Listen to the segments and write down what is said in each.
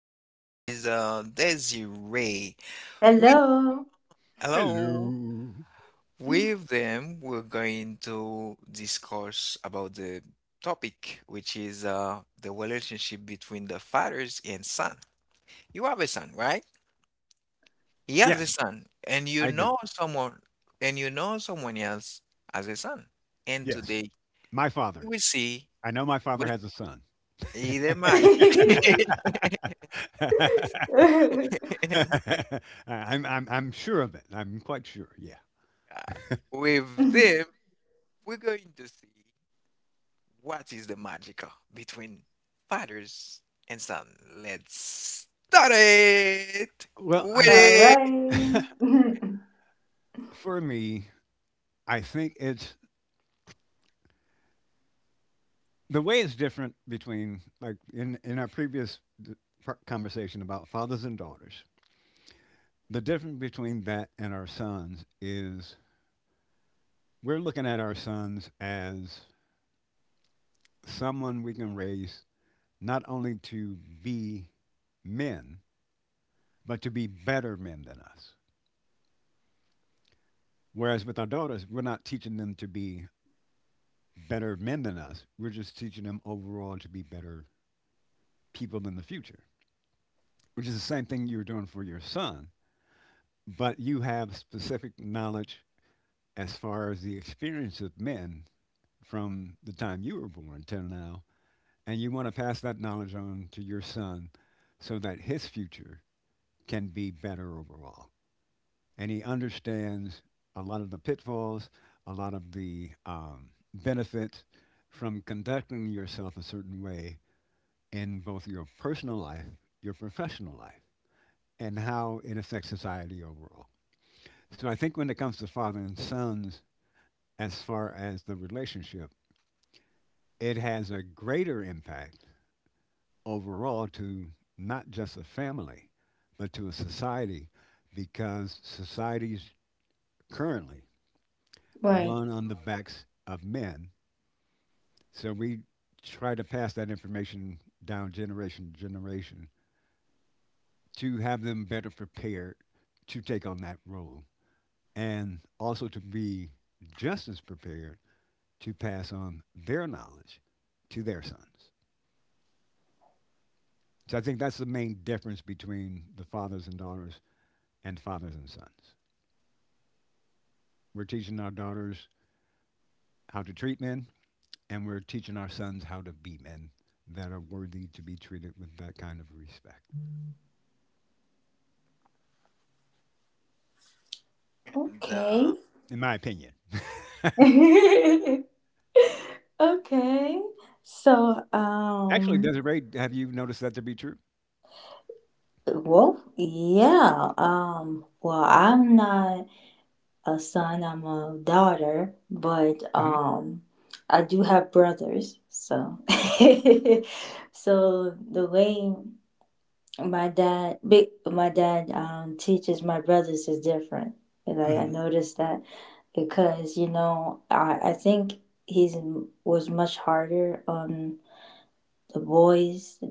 Mrs. Desiree. We hello. Hello. With them, we're going to discuss about the topic, which is the relationship between the fathers and son. You have a son, right? He has a Yes, son, and you I do. know someone, and you know someone else has a son and Yes. today My you father. will see I know my father with has a son. either mind. I I'm sure of it. I'm quite sure, yeah. Yeah. With them, we're going to see what is the magical between fathers and son. Let's start it Well, with I th it. for me, I think it's the way it's different between, like, in our previous d par conversation about fathers and daughters. The difference between that and our sons is we're looking at our sons as someone we can raise not only to be men, but to be better men than us. Whereas with our daughters, we're not teaching them to be better men than us. We're just teaching them overall to be better people in the future, which is the same thing you were doing for your son. But you have specific knowledge as far as the experience of men from the time you were born till now. And you want to pass that knowledge on to your son so that his future can be better overall, and he understands a lot of the pitfalls, a lot of the benefits from conducting yourself a certain way in both your personal life, your professional life, and how it affects society overall. So I think when it comes to father and sons, as far as the relationship, it has a greater impact overall to not just a family, but to a society, because societies currently run on the backs of men. So we try to pass that information down generation to generation to have them better prepared to take on that role and also to be just as prepared to pass on their knowledge to their sons. So I think that's the main difference between the fathers and daughters and fathers and sons. We're teaching our daughters how to treat men, and we're teaching our sons how to be men that are worthy to be treated with that kind of respect. And In my opinion. Actually, Desiree, have you noticed that to be true? hmm hmm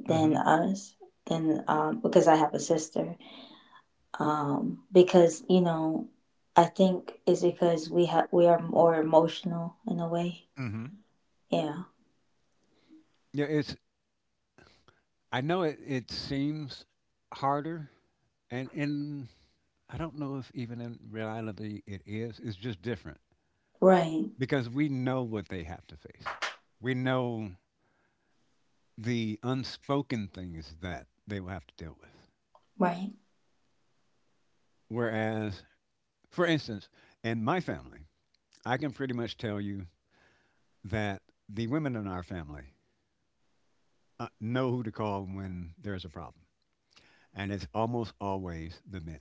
hmm hmm Yeah, it's. I know it. It seems harder, and I don't know if even in reality it is. It's just different because we know what they have to face. We know the unspoken things that they will have to deal with. Whereas, for instance, in my family, I can pretty much tell you that the women in our family know who to call when there's a problem, and it's almost always the men.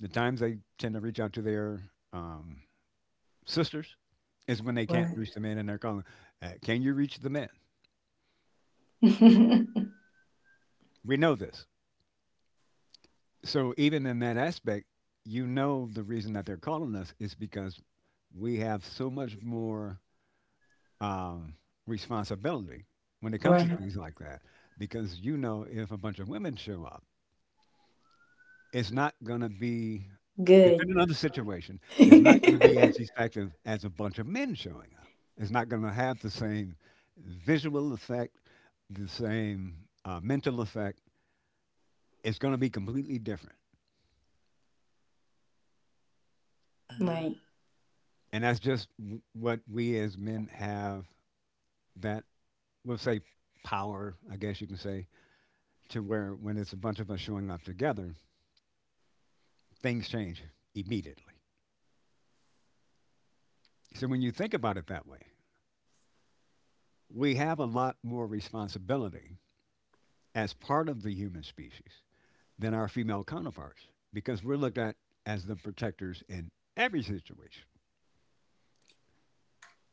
The times they tend to reach out to their um, sisters is when they can't reach the men, and they're calling, "Can you reach the men?" We know this. So even in that aspect, you know the reason that they're calling us is because we have so much more um, responsibility when it comes to things like that. Because you know, if a bunch of women show up, it's not going to be, depending on the situation, it's not going to be as effective as a bunch of men showing up. It's not going to have the same visual effect, the same mental effect. It's going to be completely different. mhm, And that's just what we as men have that, we'll say, power, I guess you can say, to where when it's a bunch of us showing up together, things change immediately. So when you think about it that way, we have a lot more responsibility as part of the human species than our female counterparts, because we're looked at as the protectors in every situation.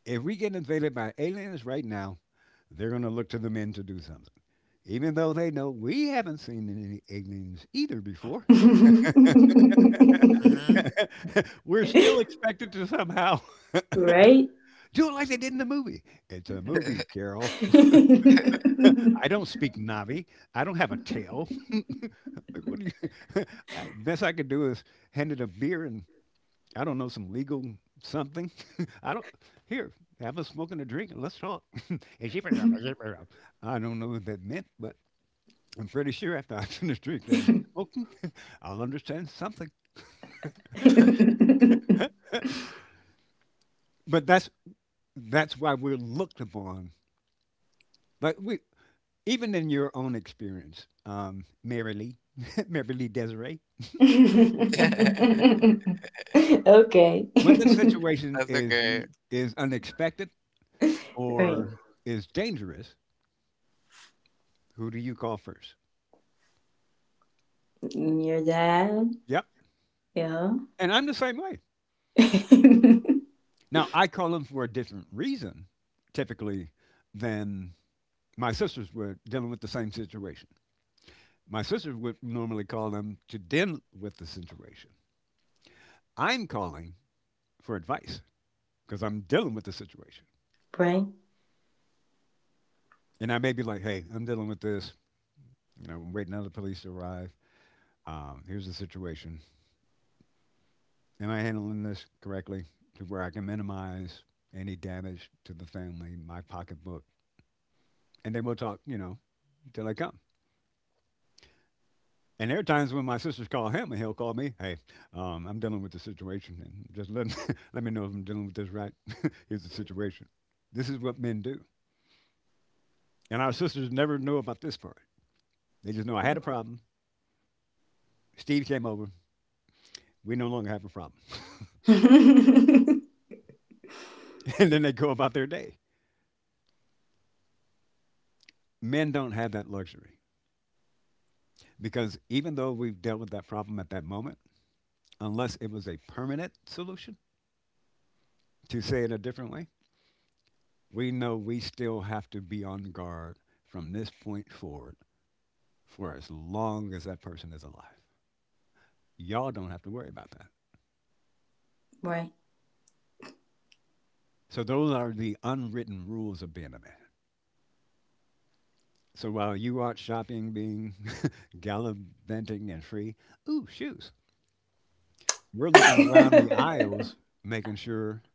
If we get invaded by aliens right now, they're going to look to the men to do something. Even though they know we haven't seen any aliens either before, mhm. we're still expected to somehow do it like they did in the movie. It's a movie, Carol. I don't speak Navi. I don't have a tail. Like, what do you? Best I could do is hand it a beer and I don't know, some legal something. I don't, here, have a smoke and a drink and let's talk. And she was, I don't know what that meant, but I'm pretty sure after I finish drinking and smoking, I'll understand something. But that's why we're looked upon. But we, even in your own experience, Mary Lee, Mary Lee Desiree, That's when the situation is okay. you is unexpected or is dangerous, who do you call first? Yep. And I'm the same way. Now, I call them for a different reason, typically, than my sisters were dealing with the same situation. My sisters would normally call them to deal with the situation. I'm calling for advice because I'm dealing with the situation. And I may be like, hey, I'm dealing with this. You know, I'm waiting on the police to arrive. Here's the situation. Am I handling this correctly to where I can minimize any damage to the family, my pocketbook? And then we'll talk, you know, till I come. And there are times when my sisters call him, and he'll call me. Hey, I'm dealing with the situation, and just let let me know if I'm dealing with this right. Here's the situation. This is what men do. And our sisters never know about this part. They just know I had a problem. Steve came over. We no longer have a problem. And then they go about their day. Men don't have that luxury because even though we've dealt with that problem at that moment, unless it was a permanent solution, to say it a different way, we know we still have to be on guard from this point forward for as long as that person is alive. Y'all don't have to worry about that. So those are the unwritten rules of being a man. So while you out shopping, being gallivanting and free, ooh, shoes. We're looking around the aisles, making sure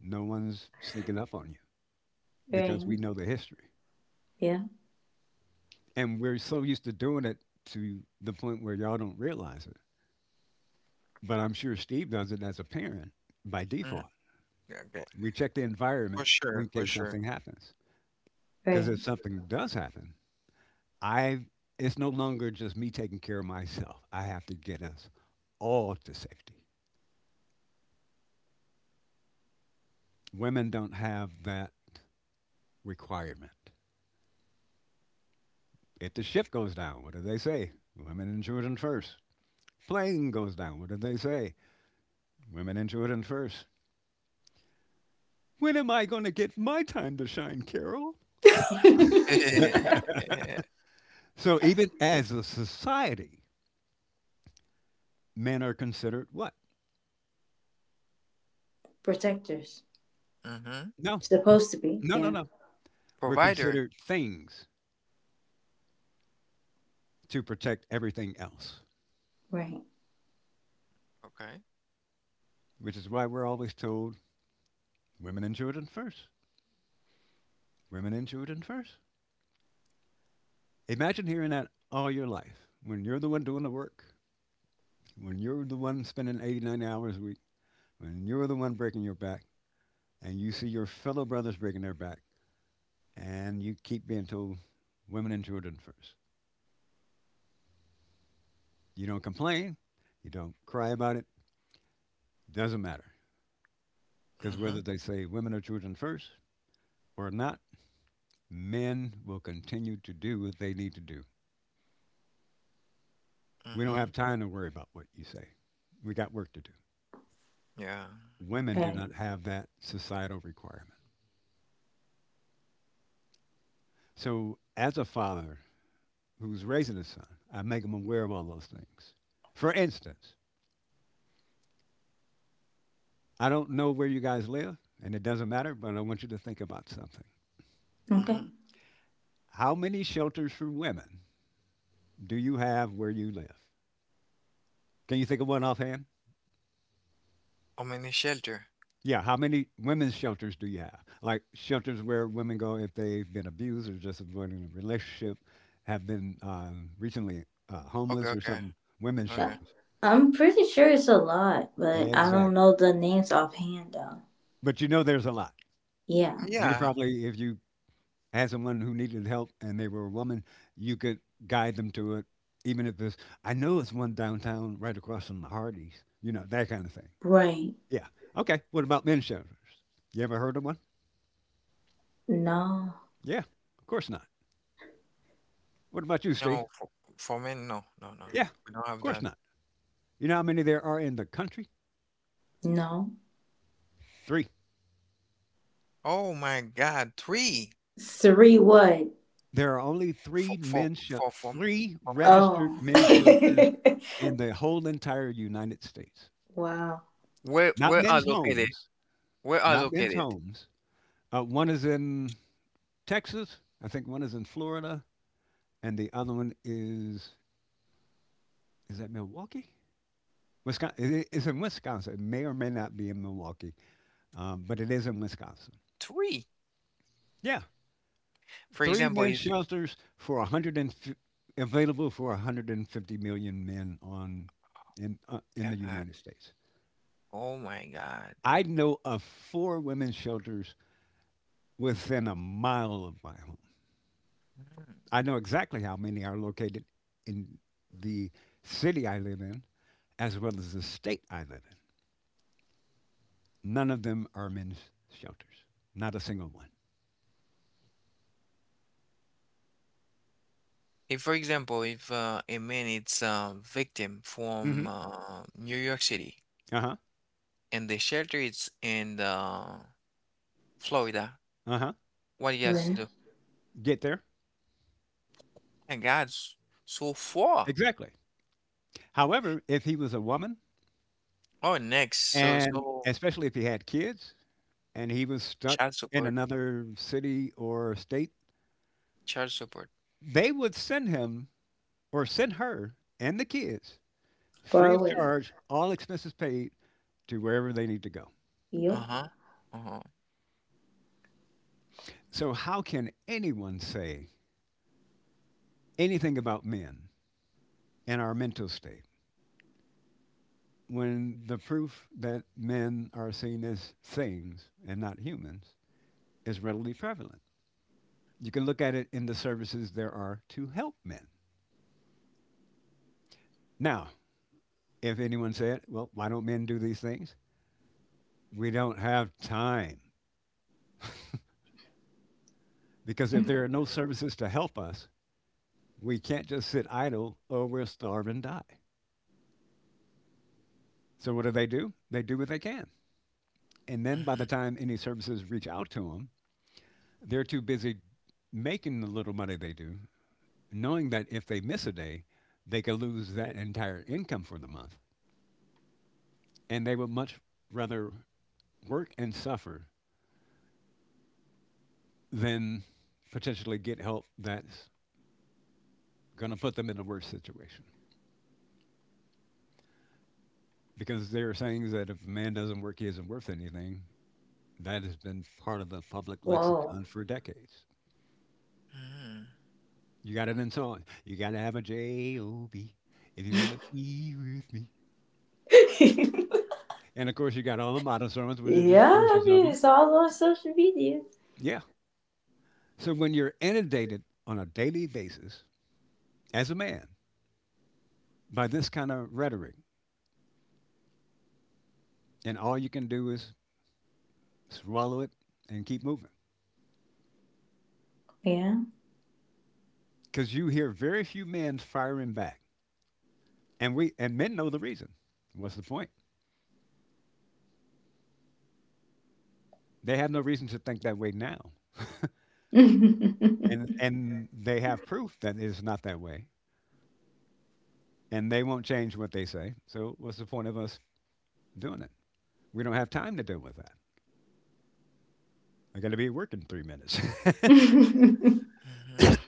no one's sneaking up on you because we know the history. And we're so used to doing it to the point where y'all don't realize it. But I'm sure Steve does it as a parent by Mhm. default. Okay, We check the for environment in sure, for case sure. something happens. Because if something does happen, I it's no longer just me taking care of myself. I have to get us all to safety. Women don't have that requirement. If the ship goes down, what do they say? Women and children first. Plane goes down, what do they say? Women and children first. When am I going to get my time to shine, Carol? So even as a society, men are considered what? Hmm. No, no, no, no. We're Provider. considered things to protect everything else, Okay. which is why we're always told women and children first. Women and children first. Imagine hearing that all your life when you're the one doing the work, when you're the one spending 80, 90 hours a week, when you're the one breaking your back, and you see your fellow brothers breaking their back, and you keep being told women and children first. You don't complain, you don't cry about it, doesn't matter. Because whether Hmm. they say women or children first or not, men will continue to do what they need to do. We don't have Hmm. time to worry about what you say. We got work to do. Yeah. Women do not have that societal requirement. So, as a father who's raising a son, I make him aware of all those things. For instance, I don't know where you guys live, and it doesn't matter, but I want you to think about something. How many shelters for women do you have where you live? Can you think of one offhand? Oh, many shelter. Yeah, how many women's shelters do you have? Like shelters where women go if they've been abused or just avoiding a relationship, have been recently Okay, homeless or okay, something. Women's okay. shelters. Exactly. But you know there's a lot. You could Yeah, probably, if you had someone who needed help and they were a woman, you could guide them to it, even if it's, I know it's one downtown right across from the Hardee's, you know, that kind of thing. Yeah. Okay. What about men's shelters? You ever heard of one? Yeah. Of course not. What about you, Steve? no, for, for men, no, no, no. Yeah. We don't Of have course that. not. You know how many there are in the country? Three. Oh my God, three There are only three for for men's shel- for for, Three for men registered for men's men. shelters in the whole entire United States. Not Where are men's located? homes, Where are not men's located? homes. One is in Texas. I think one is in Florida, and the other one is that Milwaukee, Wisconsin. It, it's in Wisconsin. It may or may not be in Milwaukee, but it is in Wisconsin. Three. Yeah, For three example, men's if shelters for a hundred and fif- available for 150 million men on in the God, United States. oh my God. I know of four women's shelters within a mile of my home. Mm. I know exactly how many are located in the city I live in, as well as the state I live in. None of them are men's shelters, not a single one. If for example, if a man is a victim from hmm New York City Uh huh. and the shelter is in Florida, Uh huh. what he has to do? Get there. My God. So four. Exactly. However, if he was a woman, Oh, next. So and so especially if he had kids, and he was stuck child in support. another city or state, Child support. they would send him or send her and the kids free of charge, all expenses paid, to wherever they need to go. Uh-huh. Uh-huh. So, how can anyone say anything about men and our mental state when the proof that men are seen as things and not humans is readily prevalent? You can look at it in the services there are to help men. Now, if anyone said, well, why don't men do these things? We don't have time. Because if there are no services to help us, we can't just sit idle or we'll starve and die. So what do they do? They do what they can. And then by the time any services reach out to them, they're too busy making the little money they do, knowing that if they miss a day, they could lose that entire income for the month. And they would much rather work and suffer than potentially get help that's going to put them in a worse situation. Because there are sayings that if a man doesn't work, he isn't worth anything. That has been part of the public lexicon for decades. Mm-hmm. You got it in song. You got to have a JOB if you want to be with me. And of course, you got all the modern sermons, which are just versions of them. Yeah. So when you're inundated on a daily basis as a man by this kind of rhetoric, and all you can do is swallow it and keep moving, because you hear very few men firing back, and we and men know the reason. What's the point? They have no reason to think that way now, and they have proof that it's not that way, and they won't change what they say. So what's the point of us doing it? We don't have time to deal with that. I got to be working three minutes. Mm-hmm.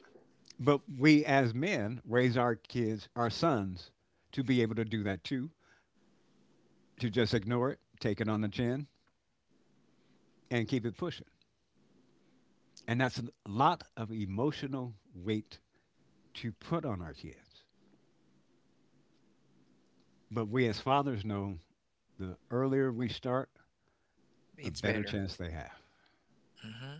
But we as men raise our kids, our sons, to be able to do that too, to just ignore it, take it on the chin, and keep it pushing. And that's a lot of emotional weight to put on our kids. But we as fathers know the earlier we start, the It's better better. chance they have. Mm-hmm.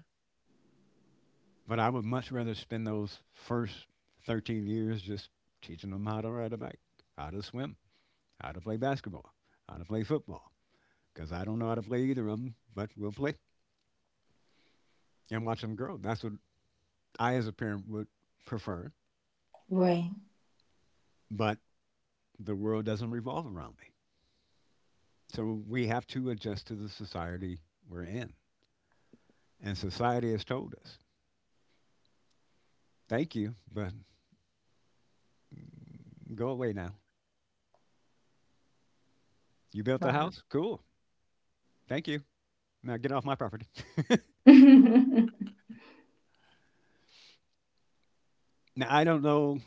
But I would much rather spend those first 13 years just teaching them how to ride a bike, how to swim, how to play basketball, how to play football. Because I don't know how to play either of them, but we'll play and watch them grow. That's what I, as a parent, would prefer. But the world doesn't revolve around me. So we have to adjust to the society we're in. And society has told us, thank you, but go away now. You built the house? Cool. Thank you. Now get off my property. Now I don't know.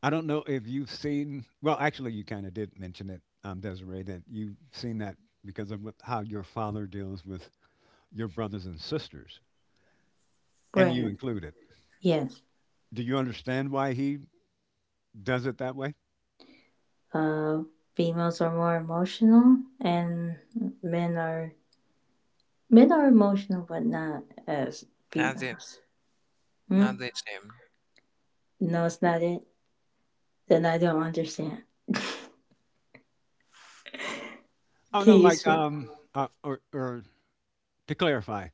I don't know if you've seen. Well, actually, you kind of did mention it, Desiree, that you've seen that because of how your father deals with your brothers and sisters, and you included. Do you understand why he does it that way? Not the not the same. Oh, no, like, or to clarify,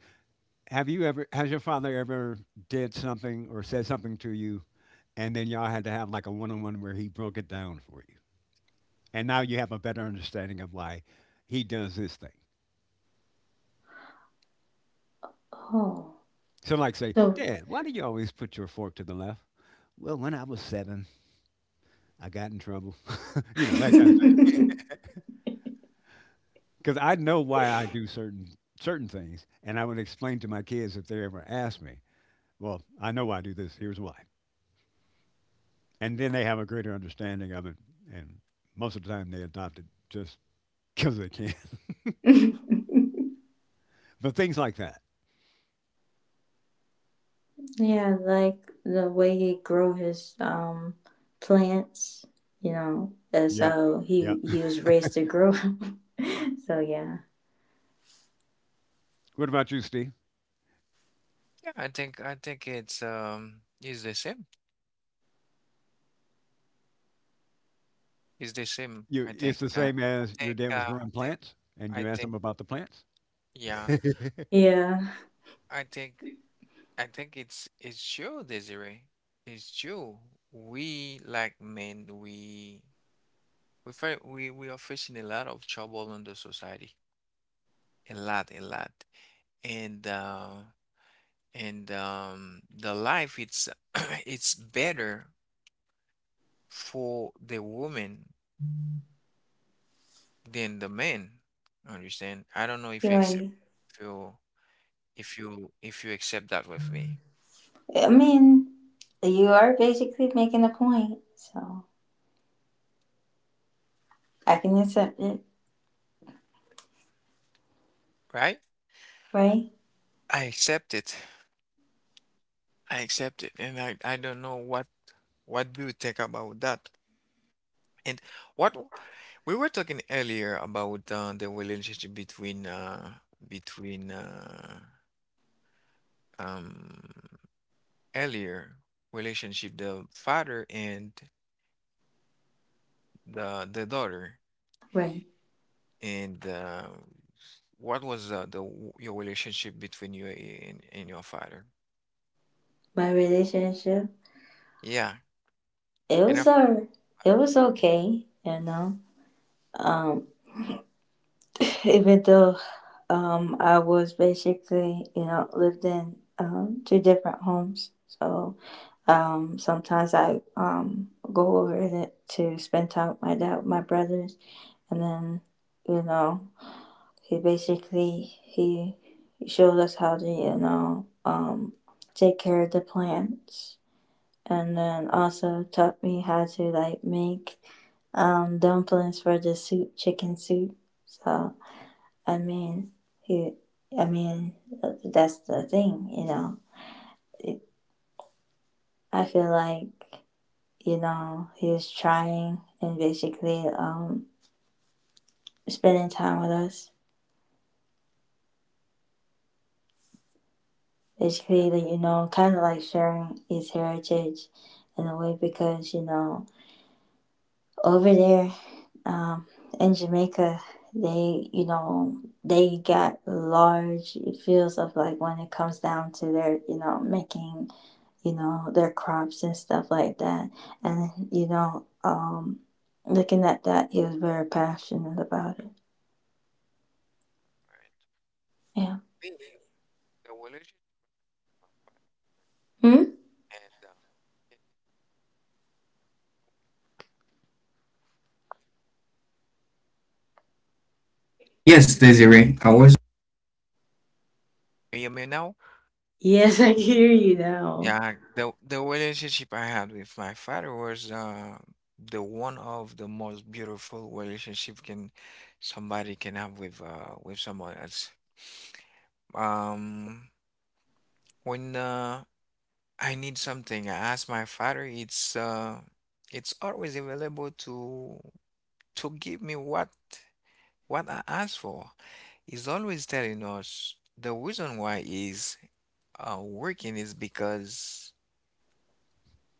have you ever has your father ever did something or said something to you, and then y'all had to have like a one-on-one where he broke it down for you, and now you have a better understanding of why he does this thing. So, like, say, Dad, why do you always put your fork to the left? Well, when I was 7, I got in trouble, you know, that kind of thing. Because I know why I do certain things, and I would explain to my kids if they ever asked me. Well, I know why I do this. Here's why. And then they have a greater understanding of it. And most of the time, they adopt it just because they can. But things like that. Yeah, yeah. What about you, Steve? Yeah, I think it's is the same. It's the same. You, I it's think. the same I as your think. dad was growing I think. plants, and you I asked him think. about the plants. Yeah. I think. I think it's true, Desiree. It's true. We like men. We We we we are facing a lot of trouble in the society, a lot, and uh, and the life it's it's better for the woman than the man. Understand? I don't know if you accept if you if you accept that with me, right? I accept it. I accept it, and I don't know what do you think about that, and what. We were talking earlier about the relationship between between um, earlier relationship the father and the daughter and what was your relationship between you and your father? Yeah, and after like, right, me the relationship and yes, Desiree, I was. Can you hear me now? Yeah, the relationship I had with my father was the one of the most beautiful relationship can somebody can have with someone else. Um, when I need something, I ask my father. It's always available to give me what I ask for. He's always telling us the reason why he's working is because.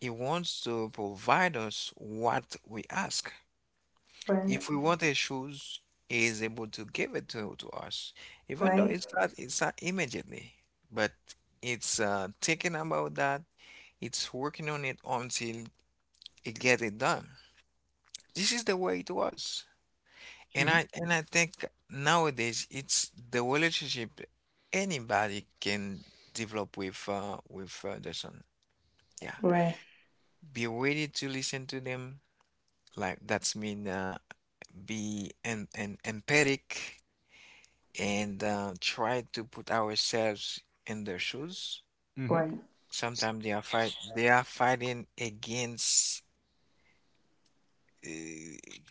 He wants to provide us what we ask. If we want a shoes, he is able to give it to us. Even though it's not immediately, but it's thinking about that, it's working on it until it gets it done. This is the way it was. And hmm I and I think nowadays it's the relationship anybody can develop with their son. Yeah. Be ready to listen to them. Like that's mean empathic and try to put ourselves in their shoes. hmm Sometimes they are fighting against uh,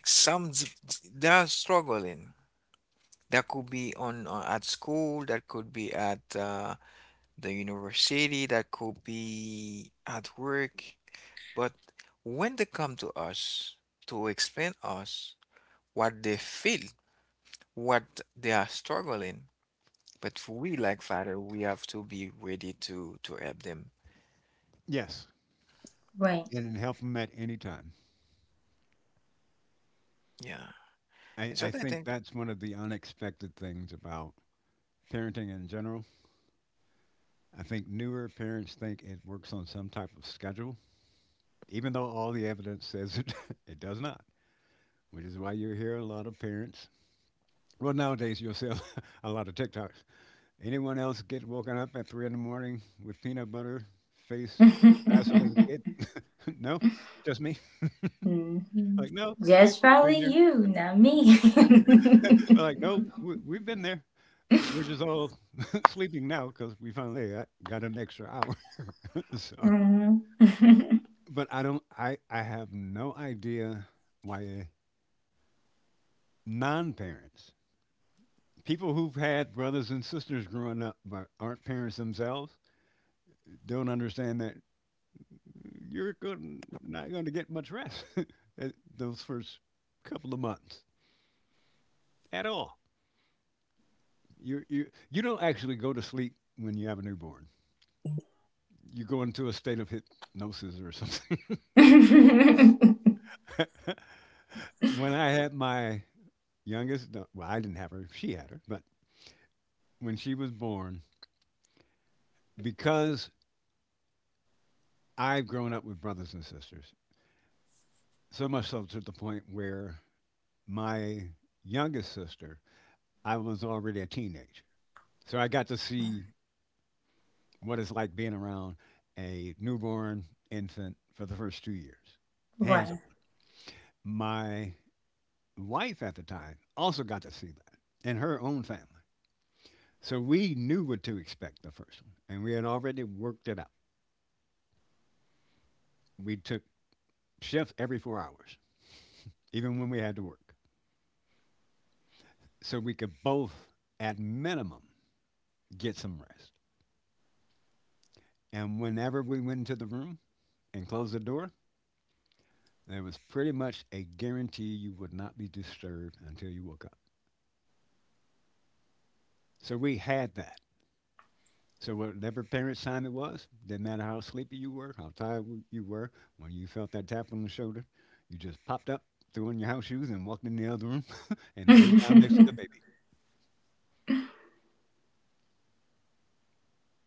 some dif- they are struggling. That could be on at school, that could be at the university, that could be at work. But when they come to us to explain us what they feel, what they are struggling, but for we like father, we have to be ready to help them. Yes, and help them at any time. Yeah. I, It's I what I think think. that's one of the unexpected things about parenting in general. I think newer parents think it works on some type of schedule, even though all the evidence says it does not, which is why you hear a lot of parents. Well, nowadays you'll see a lot of TikToks. Anyone else get woken up at 3 in the morning with peanut butter, face, Vaseline? Get no, just me. Like no, we've all been there. But like no, we've been there. We're just all sleeping now because we got an extra hour. So, but I don't. I have no idea why non-parents, people who've had brothers and sisters growing up but aren't parents themselves, don't understand that you're going not going to get much rest those first couple of months at all. You don't actually go to sleep when you have a newborn. You go into a state of hypnosis or something. When I had my youngest, well, I didn't have her. She had her, but when she was born, because I've grown up with brothers and sisters, so much so to the point where my youngest sister, I was already a teenager. So I got to see what it's like being around a newborn infant for the first two years, hands on. My wife at the time also got to see that in her own family. So we knew what to expect the first one, and we had already worked it out. We took shifts every four hours, even when we had to work, so we could both, at minimum, get some rest. And whenever we went into the room and closed the door, there was pretty much a guarantee you would not be disturbed until you woke up. So we had that. So whatever parents' time it was, didn't matter how sleepy you were, how tired you were, when you felt that tap on the shoulder, you just popped up, threw on your house shoes, and walked in the other room and laid down next to the baby.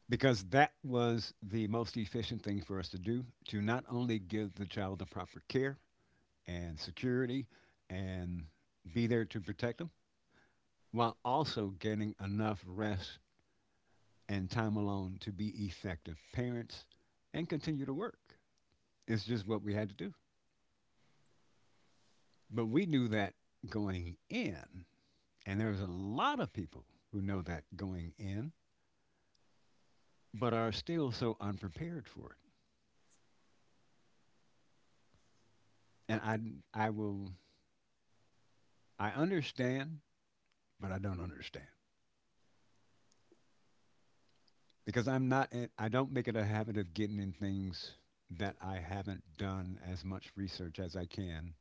Because that was the most efficient thing for us to do to not only give the child the proper care and security and be there to protect them, while also getting enough rest and time alone to be effective parents and continue to work. It's just what we had to do. But we knew that going in, and there's a lot of people who know that going in, but are still so unprepared for it. And I, I will, I understand, but I don't understand because I'm not, I don't make it a habit of getting in things that I haven't done as much research as I can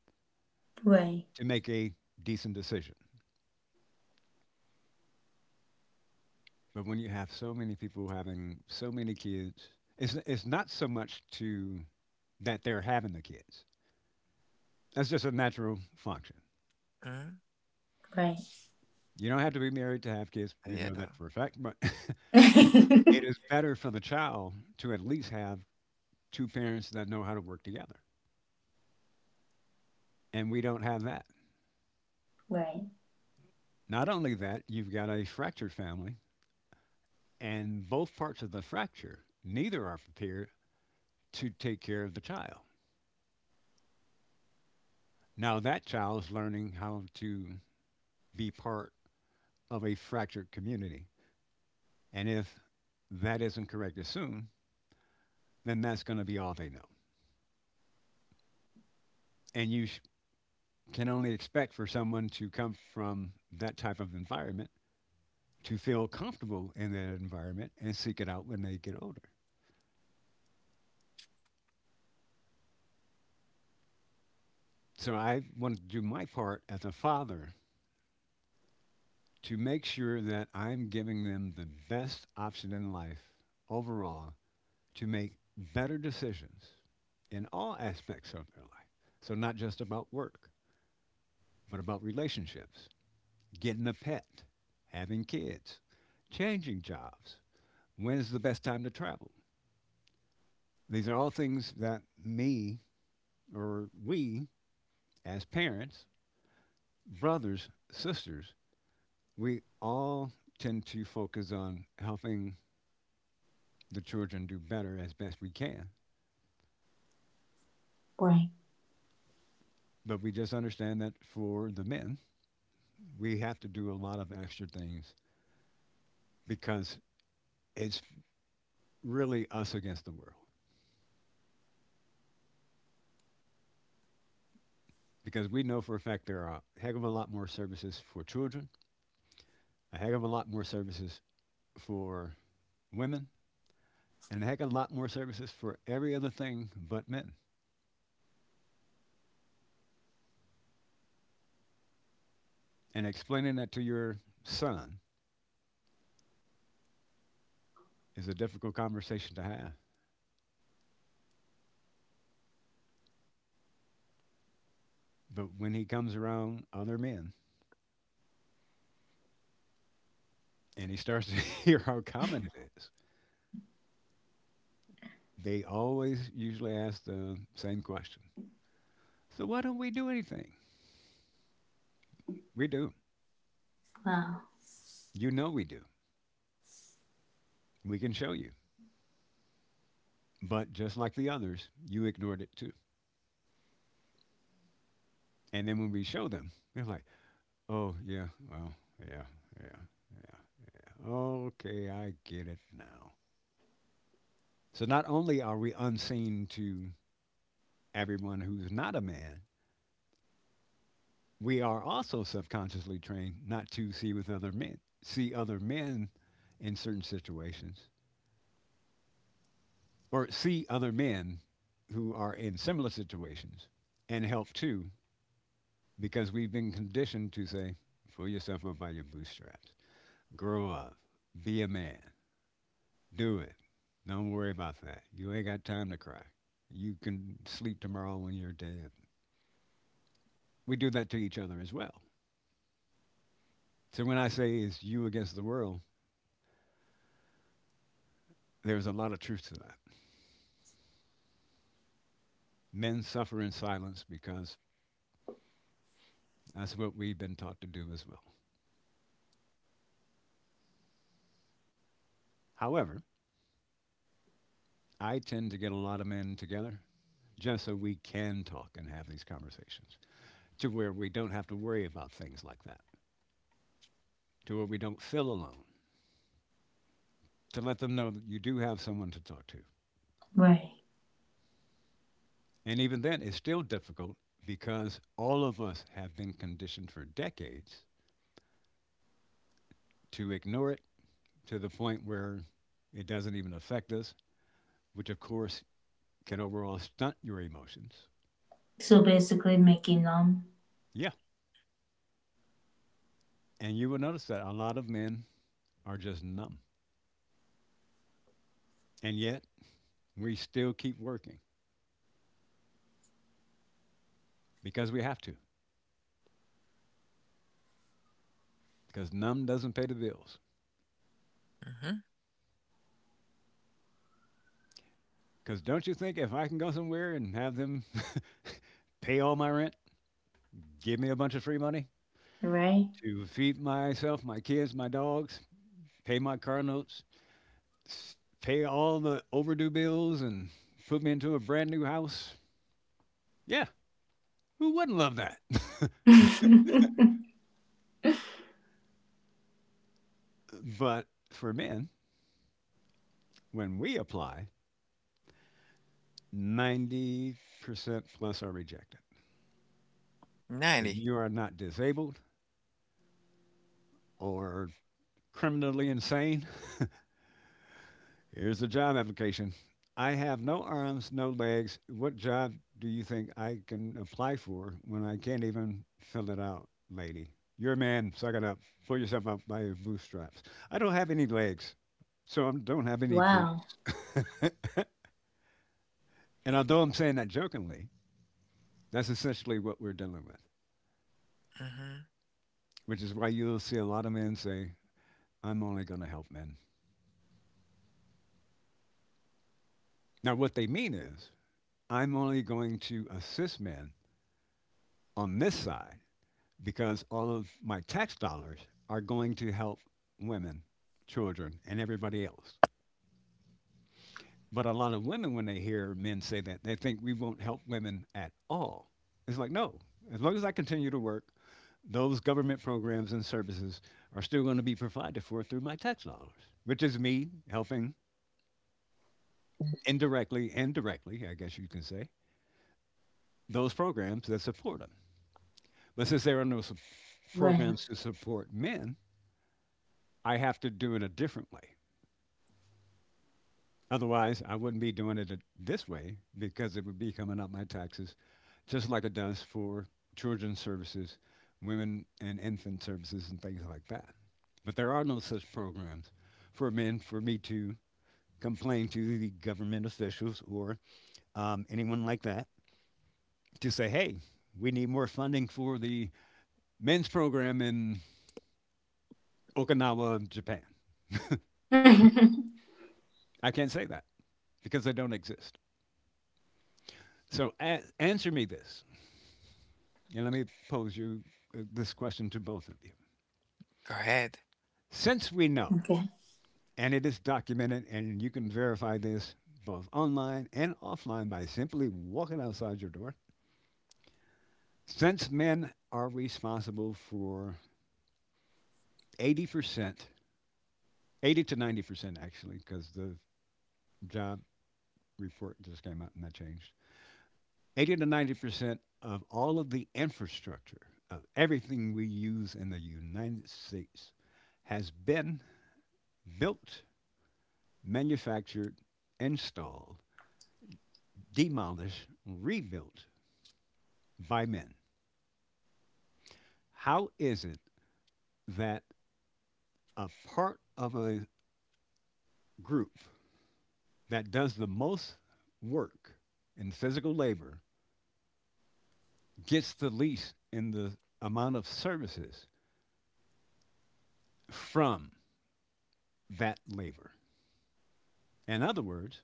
to make a decent decision. But when you have so many people having so many kids, it's not so much to that they're having the kids. That's just a natural function. Mm-hmm. You don't have to be married to have kids. We Yeah. know Though. that for a fact, but it is better for the child to at least have two parents that know how to work together. And we don't have that. Not only that, you've got a fractured family, and both parts of the fracture, neither are prepared to take care of the child. Now, that child is learning how to be part of a fractured community. And if that isn't corrected soon, then that's going to be all they know. And you can only expect for someone to come from that type of environment to feel comfortable in that environment and seek it out when they get older. So I want to do my part as a father to make sure that I'm giving them the best option in life overall to make better decisions in all aspects of their life. So not just about work, but about relationships, getting a pet, having kids, changing jobs, when's the best time to travel, these are all things that me or we, as parents, brothers, sisters, we all tend to focus on helping the children do better as best we can. But we just understand that for the men, we have to do a lot of extra things because it's really us against the world. Because we know for a fact there are a heck of a lot more services for children, a heck of a lot more services for women, and a heck of a lot more services for every other thing but men. And explaining that to your son is a difficult conversation to have. But when he comes around other men and he starts to hear how common it is, they always usually ask the same question. So why don't we do anything? We do. You know we do. We can show you. But just like the others, you ignored it too. And then when we show them, they're like, oh, yeah, well, yeah, yeah, yeah. Yeah. Okay, I get it now. So not only are we unseen to everyone who's not a man, we are also subconsciously trained not to see with other men, see other men in certain situations, or see other men who are in similar situations and help too, because we've been conditioned to say, pull yourself up by your bootstraps, grow up, be a man, do it. Don't worry about that. You ain't got time to cry. You can sleep tomorrow when you're dead. We do that to each other as well. So when I say it's you against the world, there's a lot of truth to that. Men suffer in silence because that's what we've been taught to do as well. However, I tend to get a lot of men together just so we can talk and have these conversations to where we don't have to worry about things like that, to where we don't feel alone, to let them know that you do have someone to talk to. And even then, it's still difficult because all of us have been conditioned for decades to ignore it to the point where it doesn't even affect us, which of course can overall stunt your emotions. Yeah. And you will notice that a lot of men are just numb. And yet we still keep working because we have to, because numb doesn't pay the bills. Mm-hmm. Because don't you think if I can go somewhere and have them pay all my rent, give me a bunch of free money to feed myself, my kids, my dogs, pay my car notes, s- pay all the overdue bills, and put me into a brand new house? Yeah, who wouldn't love that? But for men, when we apply, 90% plus are rejected. If 90. you are not disabled or criminally insane, here's a job application. I have no arms, no legs. What job do you think I can apply for when I can't even fill it out, lady? You're a man, suck it up. Pull yourself up by your bootstraps. I don't have any legs, so I don't have any boots. And although I'm saying that jokingly, that's essentially what we're dealing with, Mm-hmm. which is why you'll see a lot of men say, I'm only going to help men. Now, what they mean is I'm only going to assist men on this side because all of my tax dollars are going to help women, children, and everybody else. But a lot of women, when they hear men say that, they think we won't help women at all. It's like, no, as long as I continue to work, those government programs and services are still going to be provided for through my tax dollars, which is me helping indirectly and directly, I guess you can say, those programs that support them. But since there are no programs to support men, I have to do it a different way. Otherwise, I wouldn't be doing it this way because it would be coming up my taxes, just like it does for children's services, women and infant services, and things like that. But there are no such programs for men for me to complain to the government officials or anyone like that to say, hey, we need more funding for the men's program in Okinawa, Japan. I can't say that, because they don't exist. So answer me this, and let me pose you this question to both of you. Go ahead. Since we know, and it is documented, and you can verify this both online and offline by simply walking outside your door, since men are responsible for 80%, 80 to 90% actually, because the job report just came out and that changed, 80 to 90% of all of the infrastructure of everything we use in the United States has been built, manufactured, installed, demolished, rebuilt by men. How is it that a part of a group that does the most work in physical labor gets the least in the amount of services from that labor? In other words,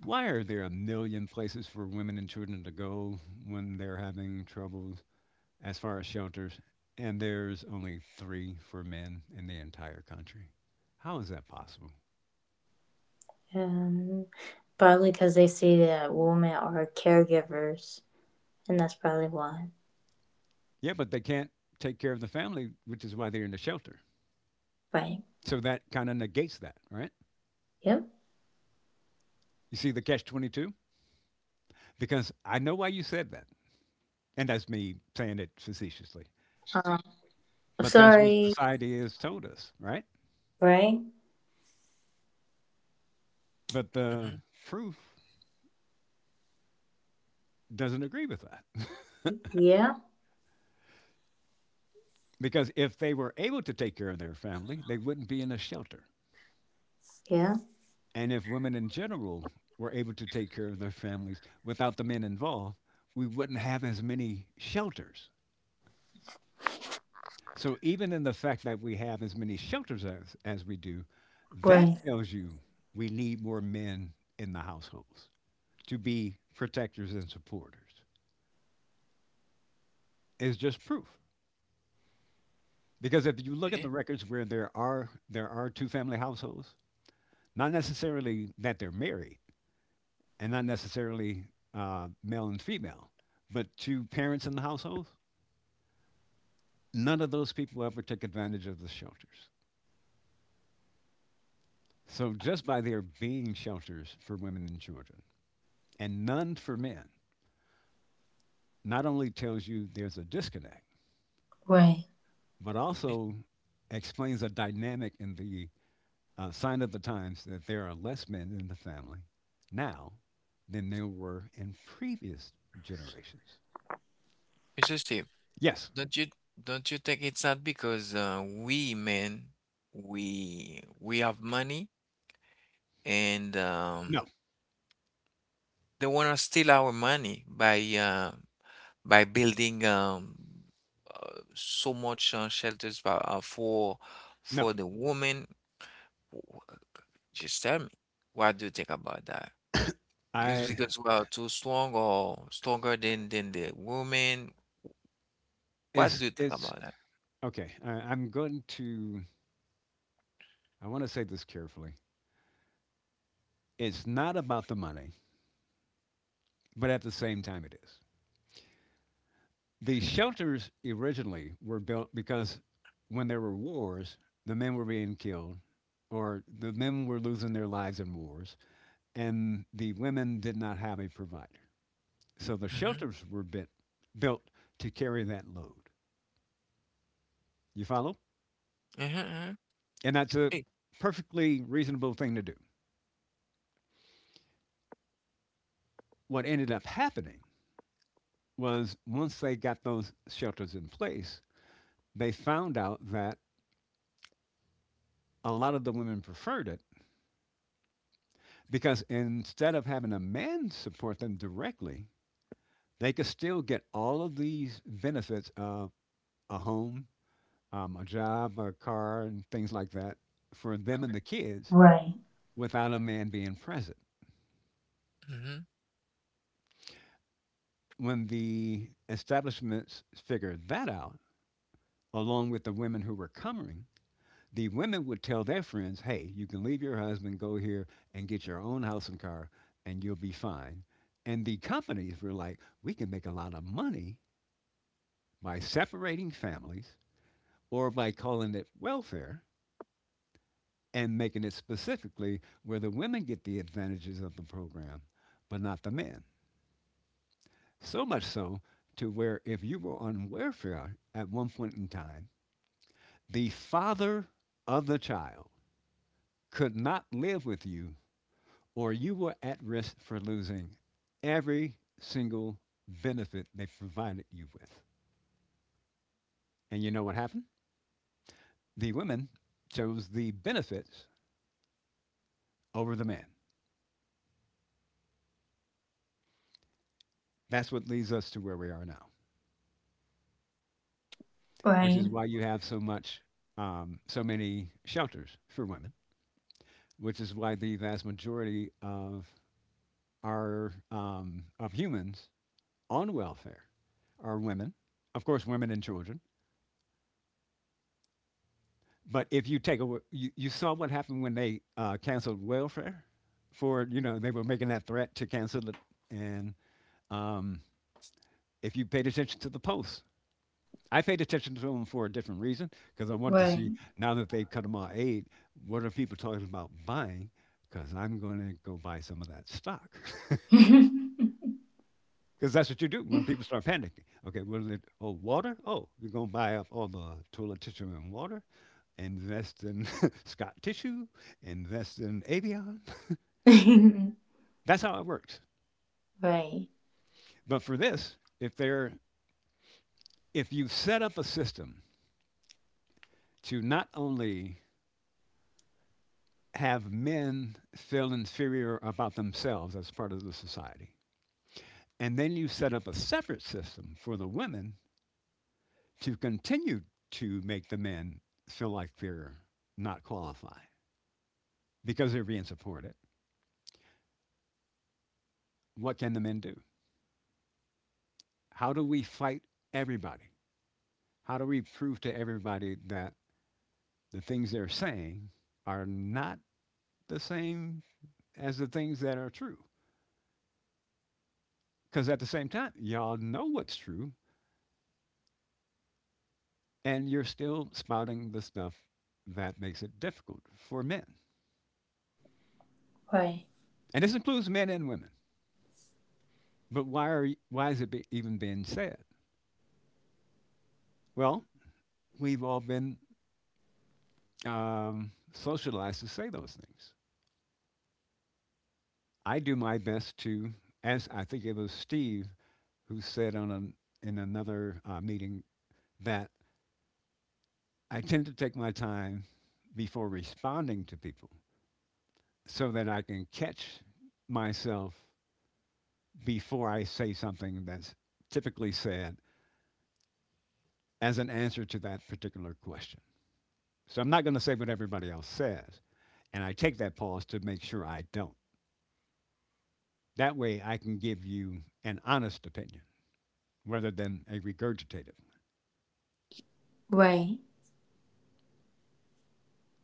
why are there a million places for women and children to go when they're having troubles as far as shelters, and there's only three for men in the entire country? How is that possible? Yeah, but they can't take care of the family, which is why they're in the shelter. So that kind of negates that, right? You see the catch 22? Because I know why you said that. And that's me saying it facetiously. But that's what society has told us, right? But Mm-hmm. the proof doesn't agree with that. Because if they were able to take care of their family, they wouldn't be in a shelter. And if women in general were able to take care of their families without the men involved, we wouldn't have as many shelters. So even in the fact that we have as many shelters as we do, that tells you we need more men in the households to be protectors and supporters. It's just proof. Because if you look at Yeah. the records where there are two family households, not necessarily that they're married, and not necessarily male and female, but two parents in the household, none of those people ever took advantage of the shelters. So just by there being shelters for women and children and none for men, not only tells you there's a disconnect, but It- also explains a dynamic in the sign of the times that there are less men in the family now than there were in previous generations. It's just tip. Yes. Don't you don't you think it's not because we men we have money and No. they want to steal our money by building so much shelters for, No. for the women. W- Just tell me, what do you think about that? Is I. because we are too strong or stronger than the women? What It's do you think it's about that? okay, I'm going to, I want to say this carefully. It's not about the money, but at the same time, it is. The shelters originally were built because when there were wars, the men were being killed, or the men were losing their lives in wars, and the women did not have a provider. So the Mm-hmm. shelters were built to carry that load. You follow? Mm-hmm. And that's a Hey. perfectly reasonable thing to do. What ended up happening was once they got those shelters in place, they found out that a lot of the women preferred it because instead of having a man support them directly, they could still get all of these benefits of a home, a job, a car, and things like that for them and the kids without a man being present. Mm-hmm. When the establishments figured that out, along with the women who were coming, the women would tell their friends, hey, you can leave your husband, go here and get your own house and car, and you'll be fine. And the companies were like, we can make a lot of money by separating families or by calling it welfare and making it specifically where the women get the advantages of the program, but not the men. So much so to where if you were on welfare at one point in time, the father of the child could not live with you or you were at risk for losing every single benefit they provided you with. And you know what happened? The women chose the benefits over the men. That's what leads us to where we are now, which is why you have so much, so many shelters for women, which is why the vast majority of our of humans on welfare are women. Of course, women and children. But if you take a, you saw what happened when they canceled welfare for, you know, they were making that threat to cancel it. And um, if you paid attention to the posts, I paid attention to them for a different reason because I wanted to see now that they've cut them off aid, what are people talking about buying? Because I'm going to go buy some of that stock. Because that's what you do when people start panicking. Okay, what is it? Oh, water? Oh, you're going to buy up all the toilet tissue and water, invest in Scott tissue, invest in Avion. That's how it works. But for this, if you set up a system to not only have men feel inferior about themselves as part of the society, and then you set up a separate system for the women to continue to make the men feel like they're not qualified because they're being supported, what can the men do? How do we fight everybody? How do we prove to everybody that the things they're saying are not the same as the things that are true? Because at the same time, y'all know what's true, and you're still spouting the stuff that makes it difficult for men. And this includes men and women. But why is it even being said? Well, we've all been socialized to say those things. I do my best to, as I think it was Steve who said in another meeting, that I tend to take my time before responding to people, so that I can catch myself before I say something that's typically said as an answer to that particular question. So I'm not going to say what everybody else says. And I take that pause to make sure I don't. That way I can give you an honest opinion rather than a regurgitated.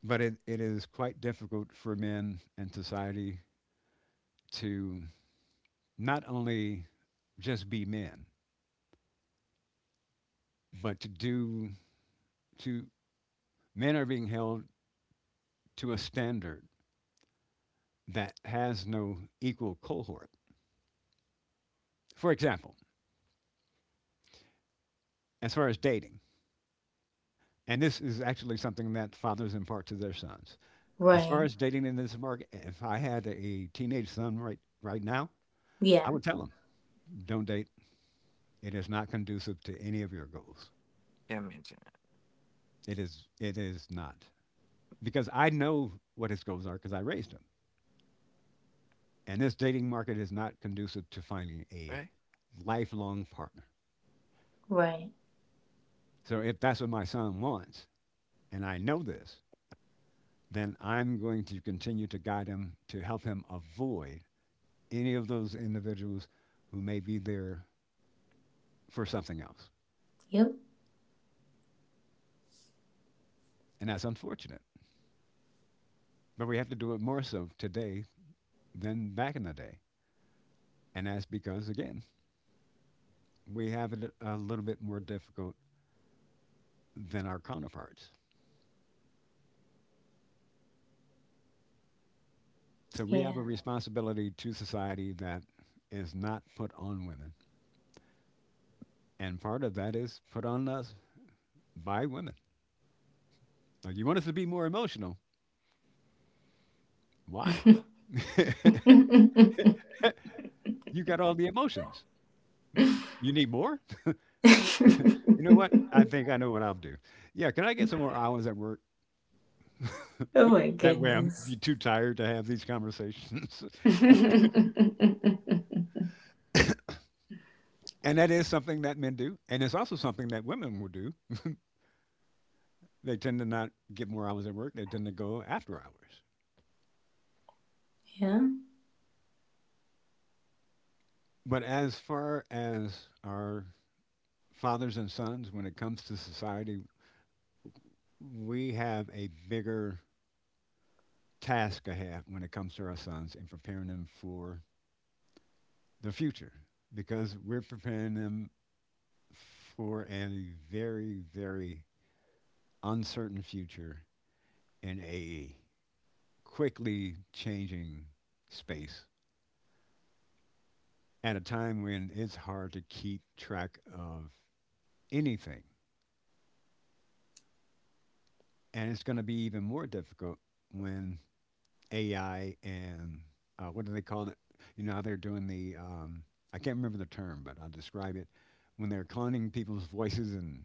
But it is quite difficult for men in society to not only just be men, but to, men are being held to a standard that has no equal cohort. For example, as far as dating, and this is actually something that fathers impart to their sons. As far as dating in this market, if I had a teenage son right now, I would tell him, "Don't date. It is not conducive to any of your goals. Yeah, me too, It is not." Because I know what his goals are because I raised him. And this dating market is not conducive to finding a right? lifelong partner. So if that's what my son wants, and I know this, then I'm going to continue to guide him to help him avoid any of those individuals who may be there for something else. And that's unfortunate. But we have to do it more so today than back in the day. And that's because, again, we have it a little bit more difficult than our counterparts. So we have a responsibility to society that is not put on women. And part of that is put on us by women. Now, you want us to be more emotional? Why? You got all the emotions. You need more? You know what? I think I know what I'll do. Yeah, can I get some more hours at work? That way I'm be too tired to have these conversations. And that is something that men do. And it's also something that women will do. They tend to not get more hours at work, they tend to go after hours. But as far as our fathers and sons, when it comes to society, we have a bigger task ahead when it comes to our sons and preparing them for the future, because we're preparing them for a very, very uncertain future in AE, quickly changing space, at a time when it's hard to keep track of anything. And it's going to be even more difficult when AI and what do they call it? You know, how they're doing the, I can't remember the term, but I'll describe it: when they're cloning people's voices and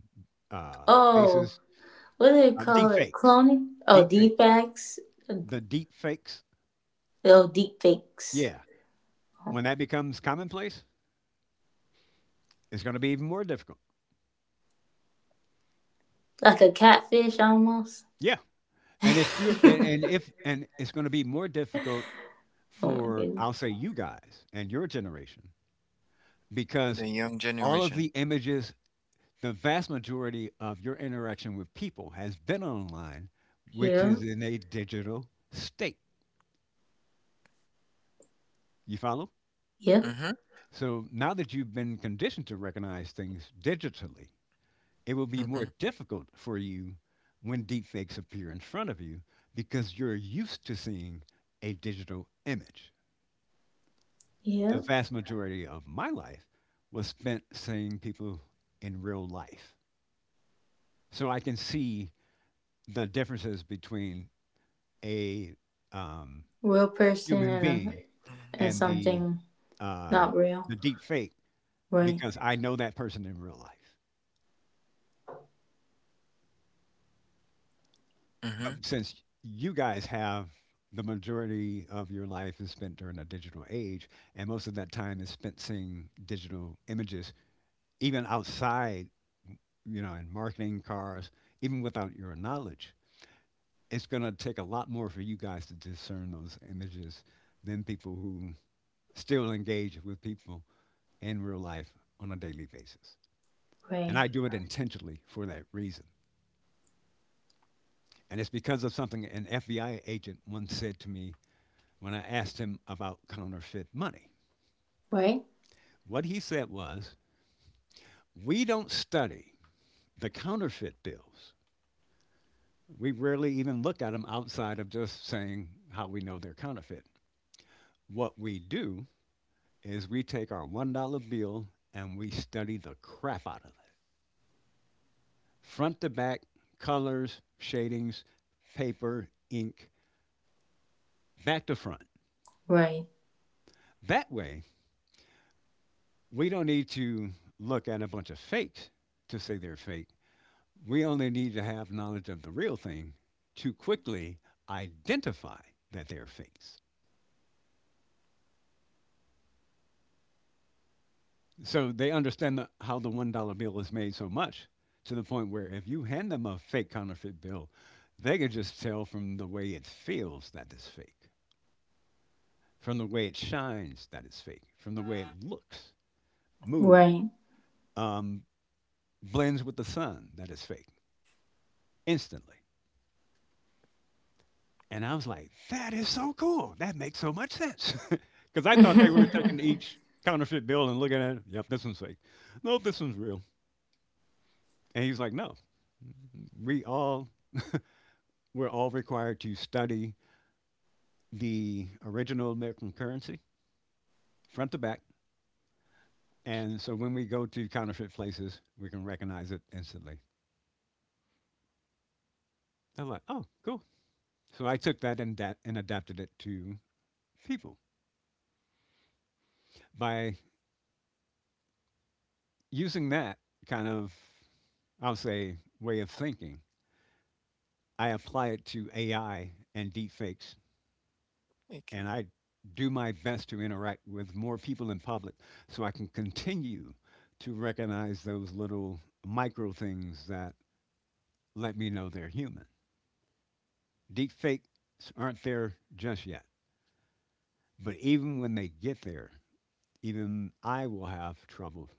faces, deep fakes, the deep fakes. Yeah, when that becomes commonplace, it's going to be even more difficult. Yeah. And if you and if and it's going to be more difficult for, I'll say, you guys and your generation, because The young all of the generation. images, the vast majority of your interaction with people has been online, which is in a digital state. You follow? Mm-hmm. So now that you've been conditioned to recognize things digitally, it will be more Mm-hmm. difficult for you when deepfakes appear in front of you because you're used to seeing a digital image. The vast majority of my life was spent seeing people in real life. So I can see the differences between a um, human being and uh, the deep fake, because I know that person in real life. Mm-hmm. Since you guys have the majority of your life is spent during a digital age, and most of that time is spent seeing digital images, even outside, you know, in marketing cars, even without your knowledge, it's going to take a lot more for you guys to discern those images than people who still engage with people in real life on a daily basis. And I do it intentionally for that reason. And it's because of something an FBI agent once said to me when I asked him about counterfeit money. What he said was, we don't study the counterfeit bills. We rarely even look at them outside of just saying how we know they're counterfeit. What we do is we take our $1 bill and we study the crap out of it, front to back, colors, shadings, paper, ink, back to front. That way, we don't need to look at a bunch of fakes to say they're fake. We only need to have knowledge of the real thing to quickly identify that they're fakes. So they understand the, how the $1 bill is made so much to the point where if you hand them a fake counterfeit bill, they could just tell from the way it feels that it's fake, from the way it shines that it's fake, from the way it looks, moves, um, blends with the sun that it's fake, instantly. And I was like, "That is so cool. That makes so much sense!" Because I thought they were taking each counterfeit bill and looking at it. Yep, this one's fake. Nope, this one's real. And he's like, "No, we all we're all required to study the original American currency front to back, and so when we go to counterfeit places, we can recognize it instantly." I'm like, "Oh, cool." So I took that and adapted it to people by using that kind of, I'll say, way of thinking. I apply it to AI and deepfakes, Okay. and I do my best to interact with more people in public so I can continue to recognize those little micro things that let me know they're human. Deepfakes aren't there just yet, but even when they get there, even I will have trouble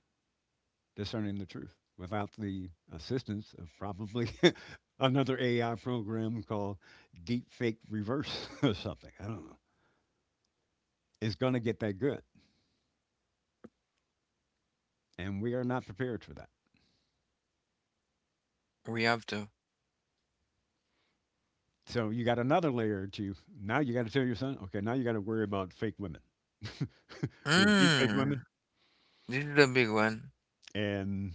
discerning the truth without the assistance of probably another AI program called Deepfake Reverse or something. I don't know. It's going to get that good. And we are not prepared for that. We have to. So you got another layer to now. You got to tell your son, okay, now you got to worry about fake women. They're deep fake Mm. women, This is the big one. and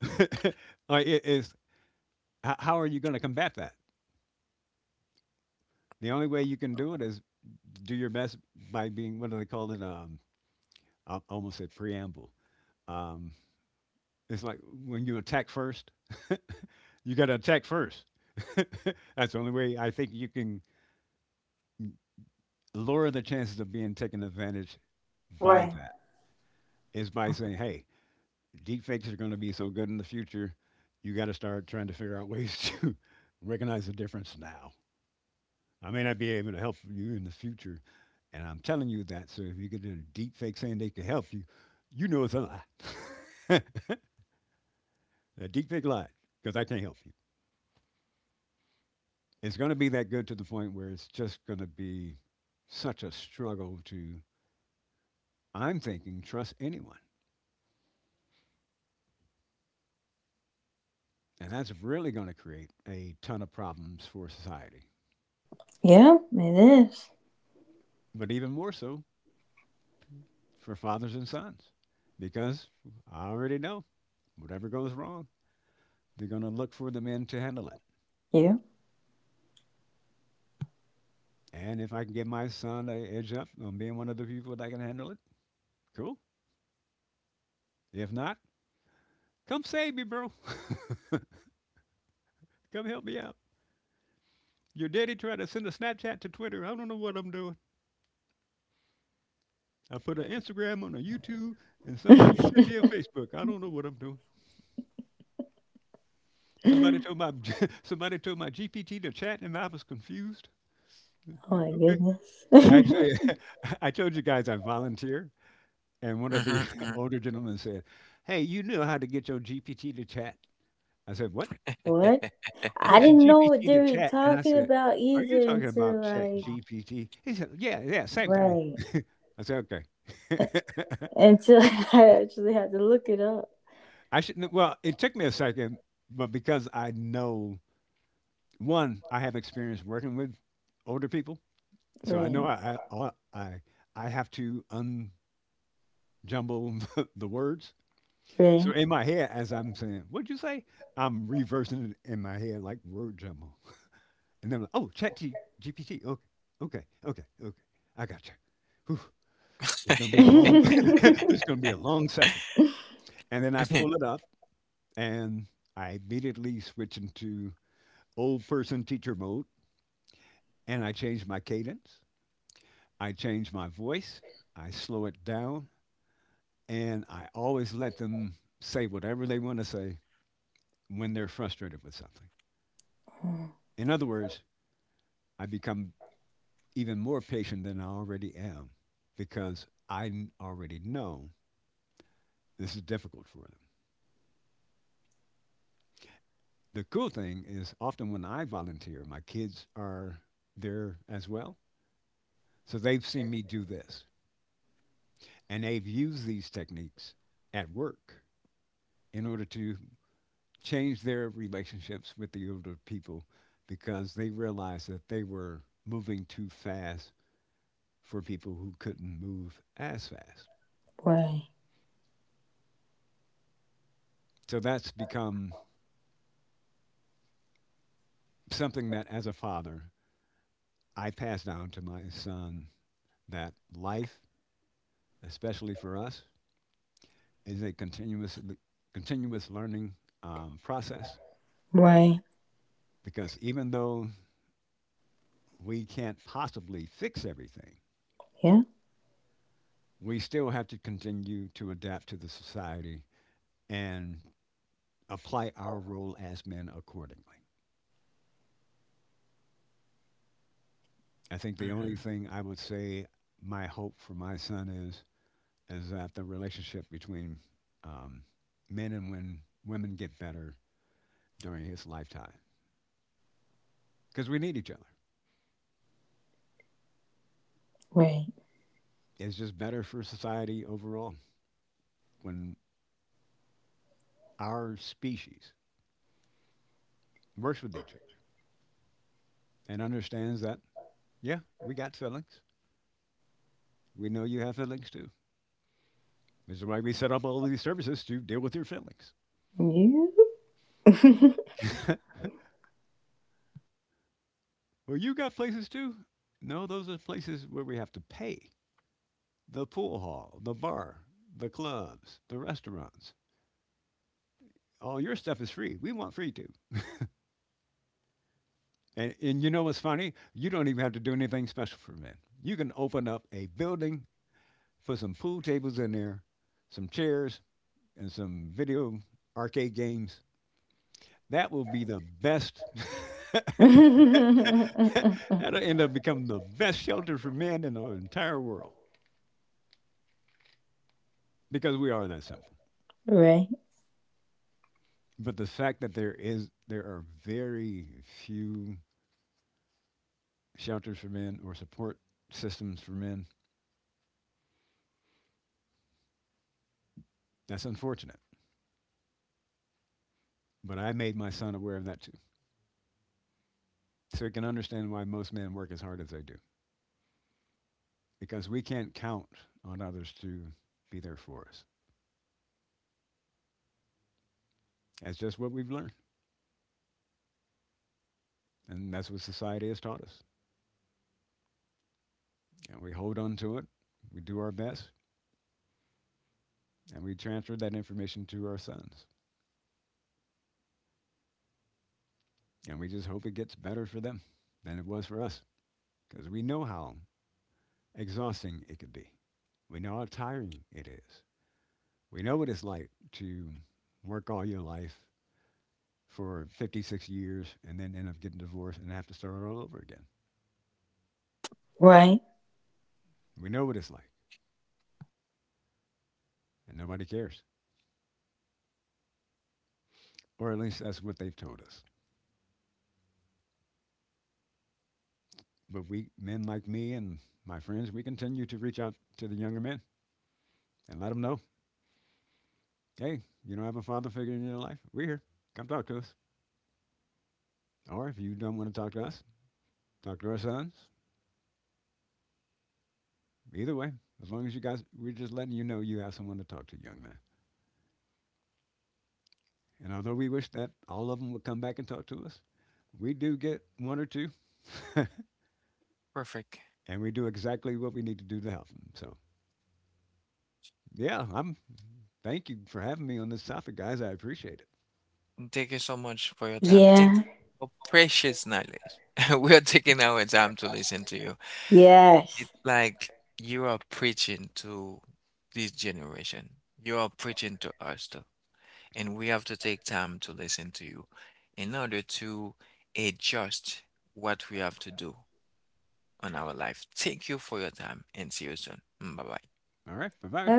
like it is. How are you going to combat that? The only way you can do it is do your best by being, what do they call it? I almost said preamble. Um, it's like when you attack first, you got to attack first. That's the only way I think you can lower the chances of being taken advantage by that, is by saying, "Hey, deep fakes are going to be so good in the future. You got to start trying to figure out ways to recognize the difference now. I may not be able to help you in the future, and I'm telling you that. So if you get a deep fake saying they can help you, you know it's a lie. A deep fake lie, because I can't help you. It's going to be that good to the point where it's just going to be such a struggle to, I'm thinking, trust anyone. And that's really going to create a ton of problems for society. But even more so, for fathers and sons, because I already know whatever goes wrong, they're going to look for the men to handle it. And if I can give my son a edge up on being one of the people that can handle it, cool. If not, come save me, bro. Come help me out. Your daddy tried to send a Snapchat to Twitter. I don't know what I'm doing. I put an Instagram on a YouTube, and somebody sent me a Facebook. I don't know what I'm doing. Somebody told my Somebody told my GPT to chat, and I was confused. Like, okay, actually, I told you guys I volunteer. And one of the Mm-hmm. older gentlemen said, hey, you knew how to get your GPT to chat? I said, what? Mm-hmm. Get your GPT to chat? And I said, are you talking about chat GPT? He said, yeah, yeah, same thing. I said, okay. I shouldn't, well, it took me a second, but because I know, one, I have experience working with older people. So I know I have to unjumble the words. So in my head, as I'm saying, "What'd you say?" I'm reversing it in my head like word jumble, and then I'm like, "Oh, GPT. Okay, okay. I got you. Whew, it's gonna be a long. this gonna be a long session." And then I pull it up, and I immediately switch into old person teacher mode, and I change my cadence. I change my voice. I slow it down, and I always let them say whatever they want to say when they're frustrated with something. In other words, I become even more patient than I already am because already know this is difficult for them. The cool thing is often when I volunteer, my kids are there as well. So they've seen me do this, and they've used these techniques at work in order to change their relationships with the older people because they realized that they were moving too fast for people who couldn't move as fast. So that's become something that, as a father, I pass down to my son, that life, especially for us, is a continuous learning process, because even though we can't possibly fix everything, we still have to continue to adapt to the society and apply our role as men accordingly. I think the only Hmm. thing I would say, my hope for my son is that the relationship between um, men and when women get better during his lifetime, because we need each other. It's just better for society overall when our species works with each other and understands that, yeah, we got feelings. We know you have feelings too. This is why we set up all these services to deal with your feelings. Well, you got places too. No, those are places where we have to pay: the pool hall, the bar, the clubs, the restaurants. All your stuff is free. We want free too. And you know what's funny? You don't even have to do anything special for men. You can open up a building, put some pool tables in there, some chairs, and some video arcade games. That will be the best. That'll end up becoming the best shelter for men in the entire world because we are that simple. But the fact that there are very few shelters for men or support systems for men, that's unfortunate. But I made my son aware of that too, so you can understand why most men work as hard as they do, because we can't count on others to be there for us. That's just what we've learned, and that's what society has taught us. And we hold on to it, we do our best, and we transfer that information to our sons. And we just hope it gets better for them than it was for us, because we know how exhausting it could be. We know how tiring it is. We know what it's like to work all your life for 56 years and then end up getting divorced and have to start all over again. We know what it's like, and nobody cares. Or at least that's what they've told us. But we, men like me and my friends, we continue to reach out to the younger men and let them know, hey, you don't have a father figure in your life? We're here. Come talk to us. Or if you don't want to talk to us, talk to our sons. Either way, as long as you guys, we're just letting you know you have someone to talk to, young man. And although we wish that all of them would come back and talk to us, we do get one or two, Perfect. and we do exactly what we need to do to help them. So, yeah, I'm thank you for having me on this topic, guys. I appreciate it. Thank you so much for your time. Thank you for precious knowledge. We are taking our time to listen to you. It's like you are preaching to this generation. You are preaching to us too, and we have to take time to listen to you in order to adjust what we have to do on our life. Thank you for your time and see you soon. Bye bye. All right. Bye bye.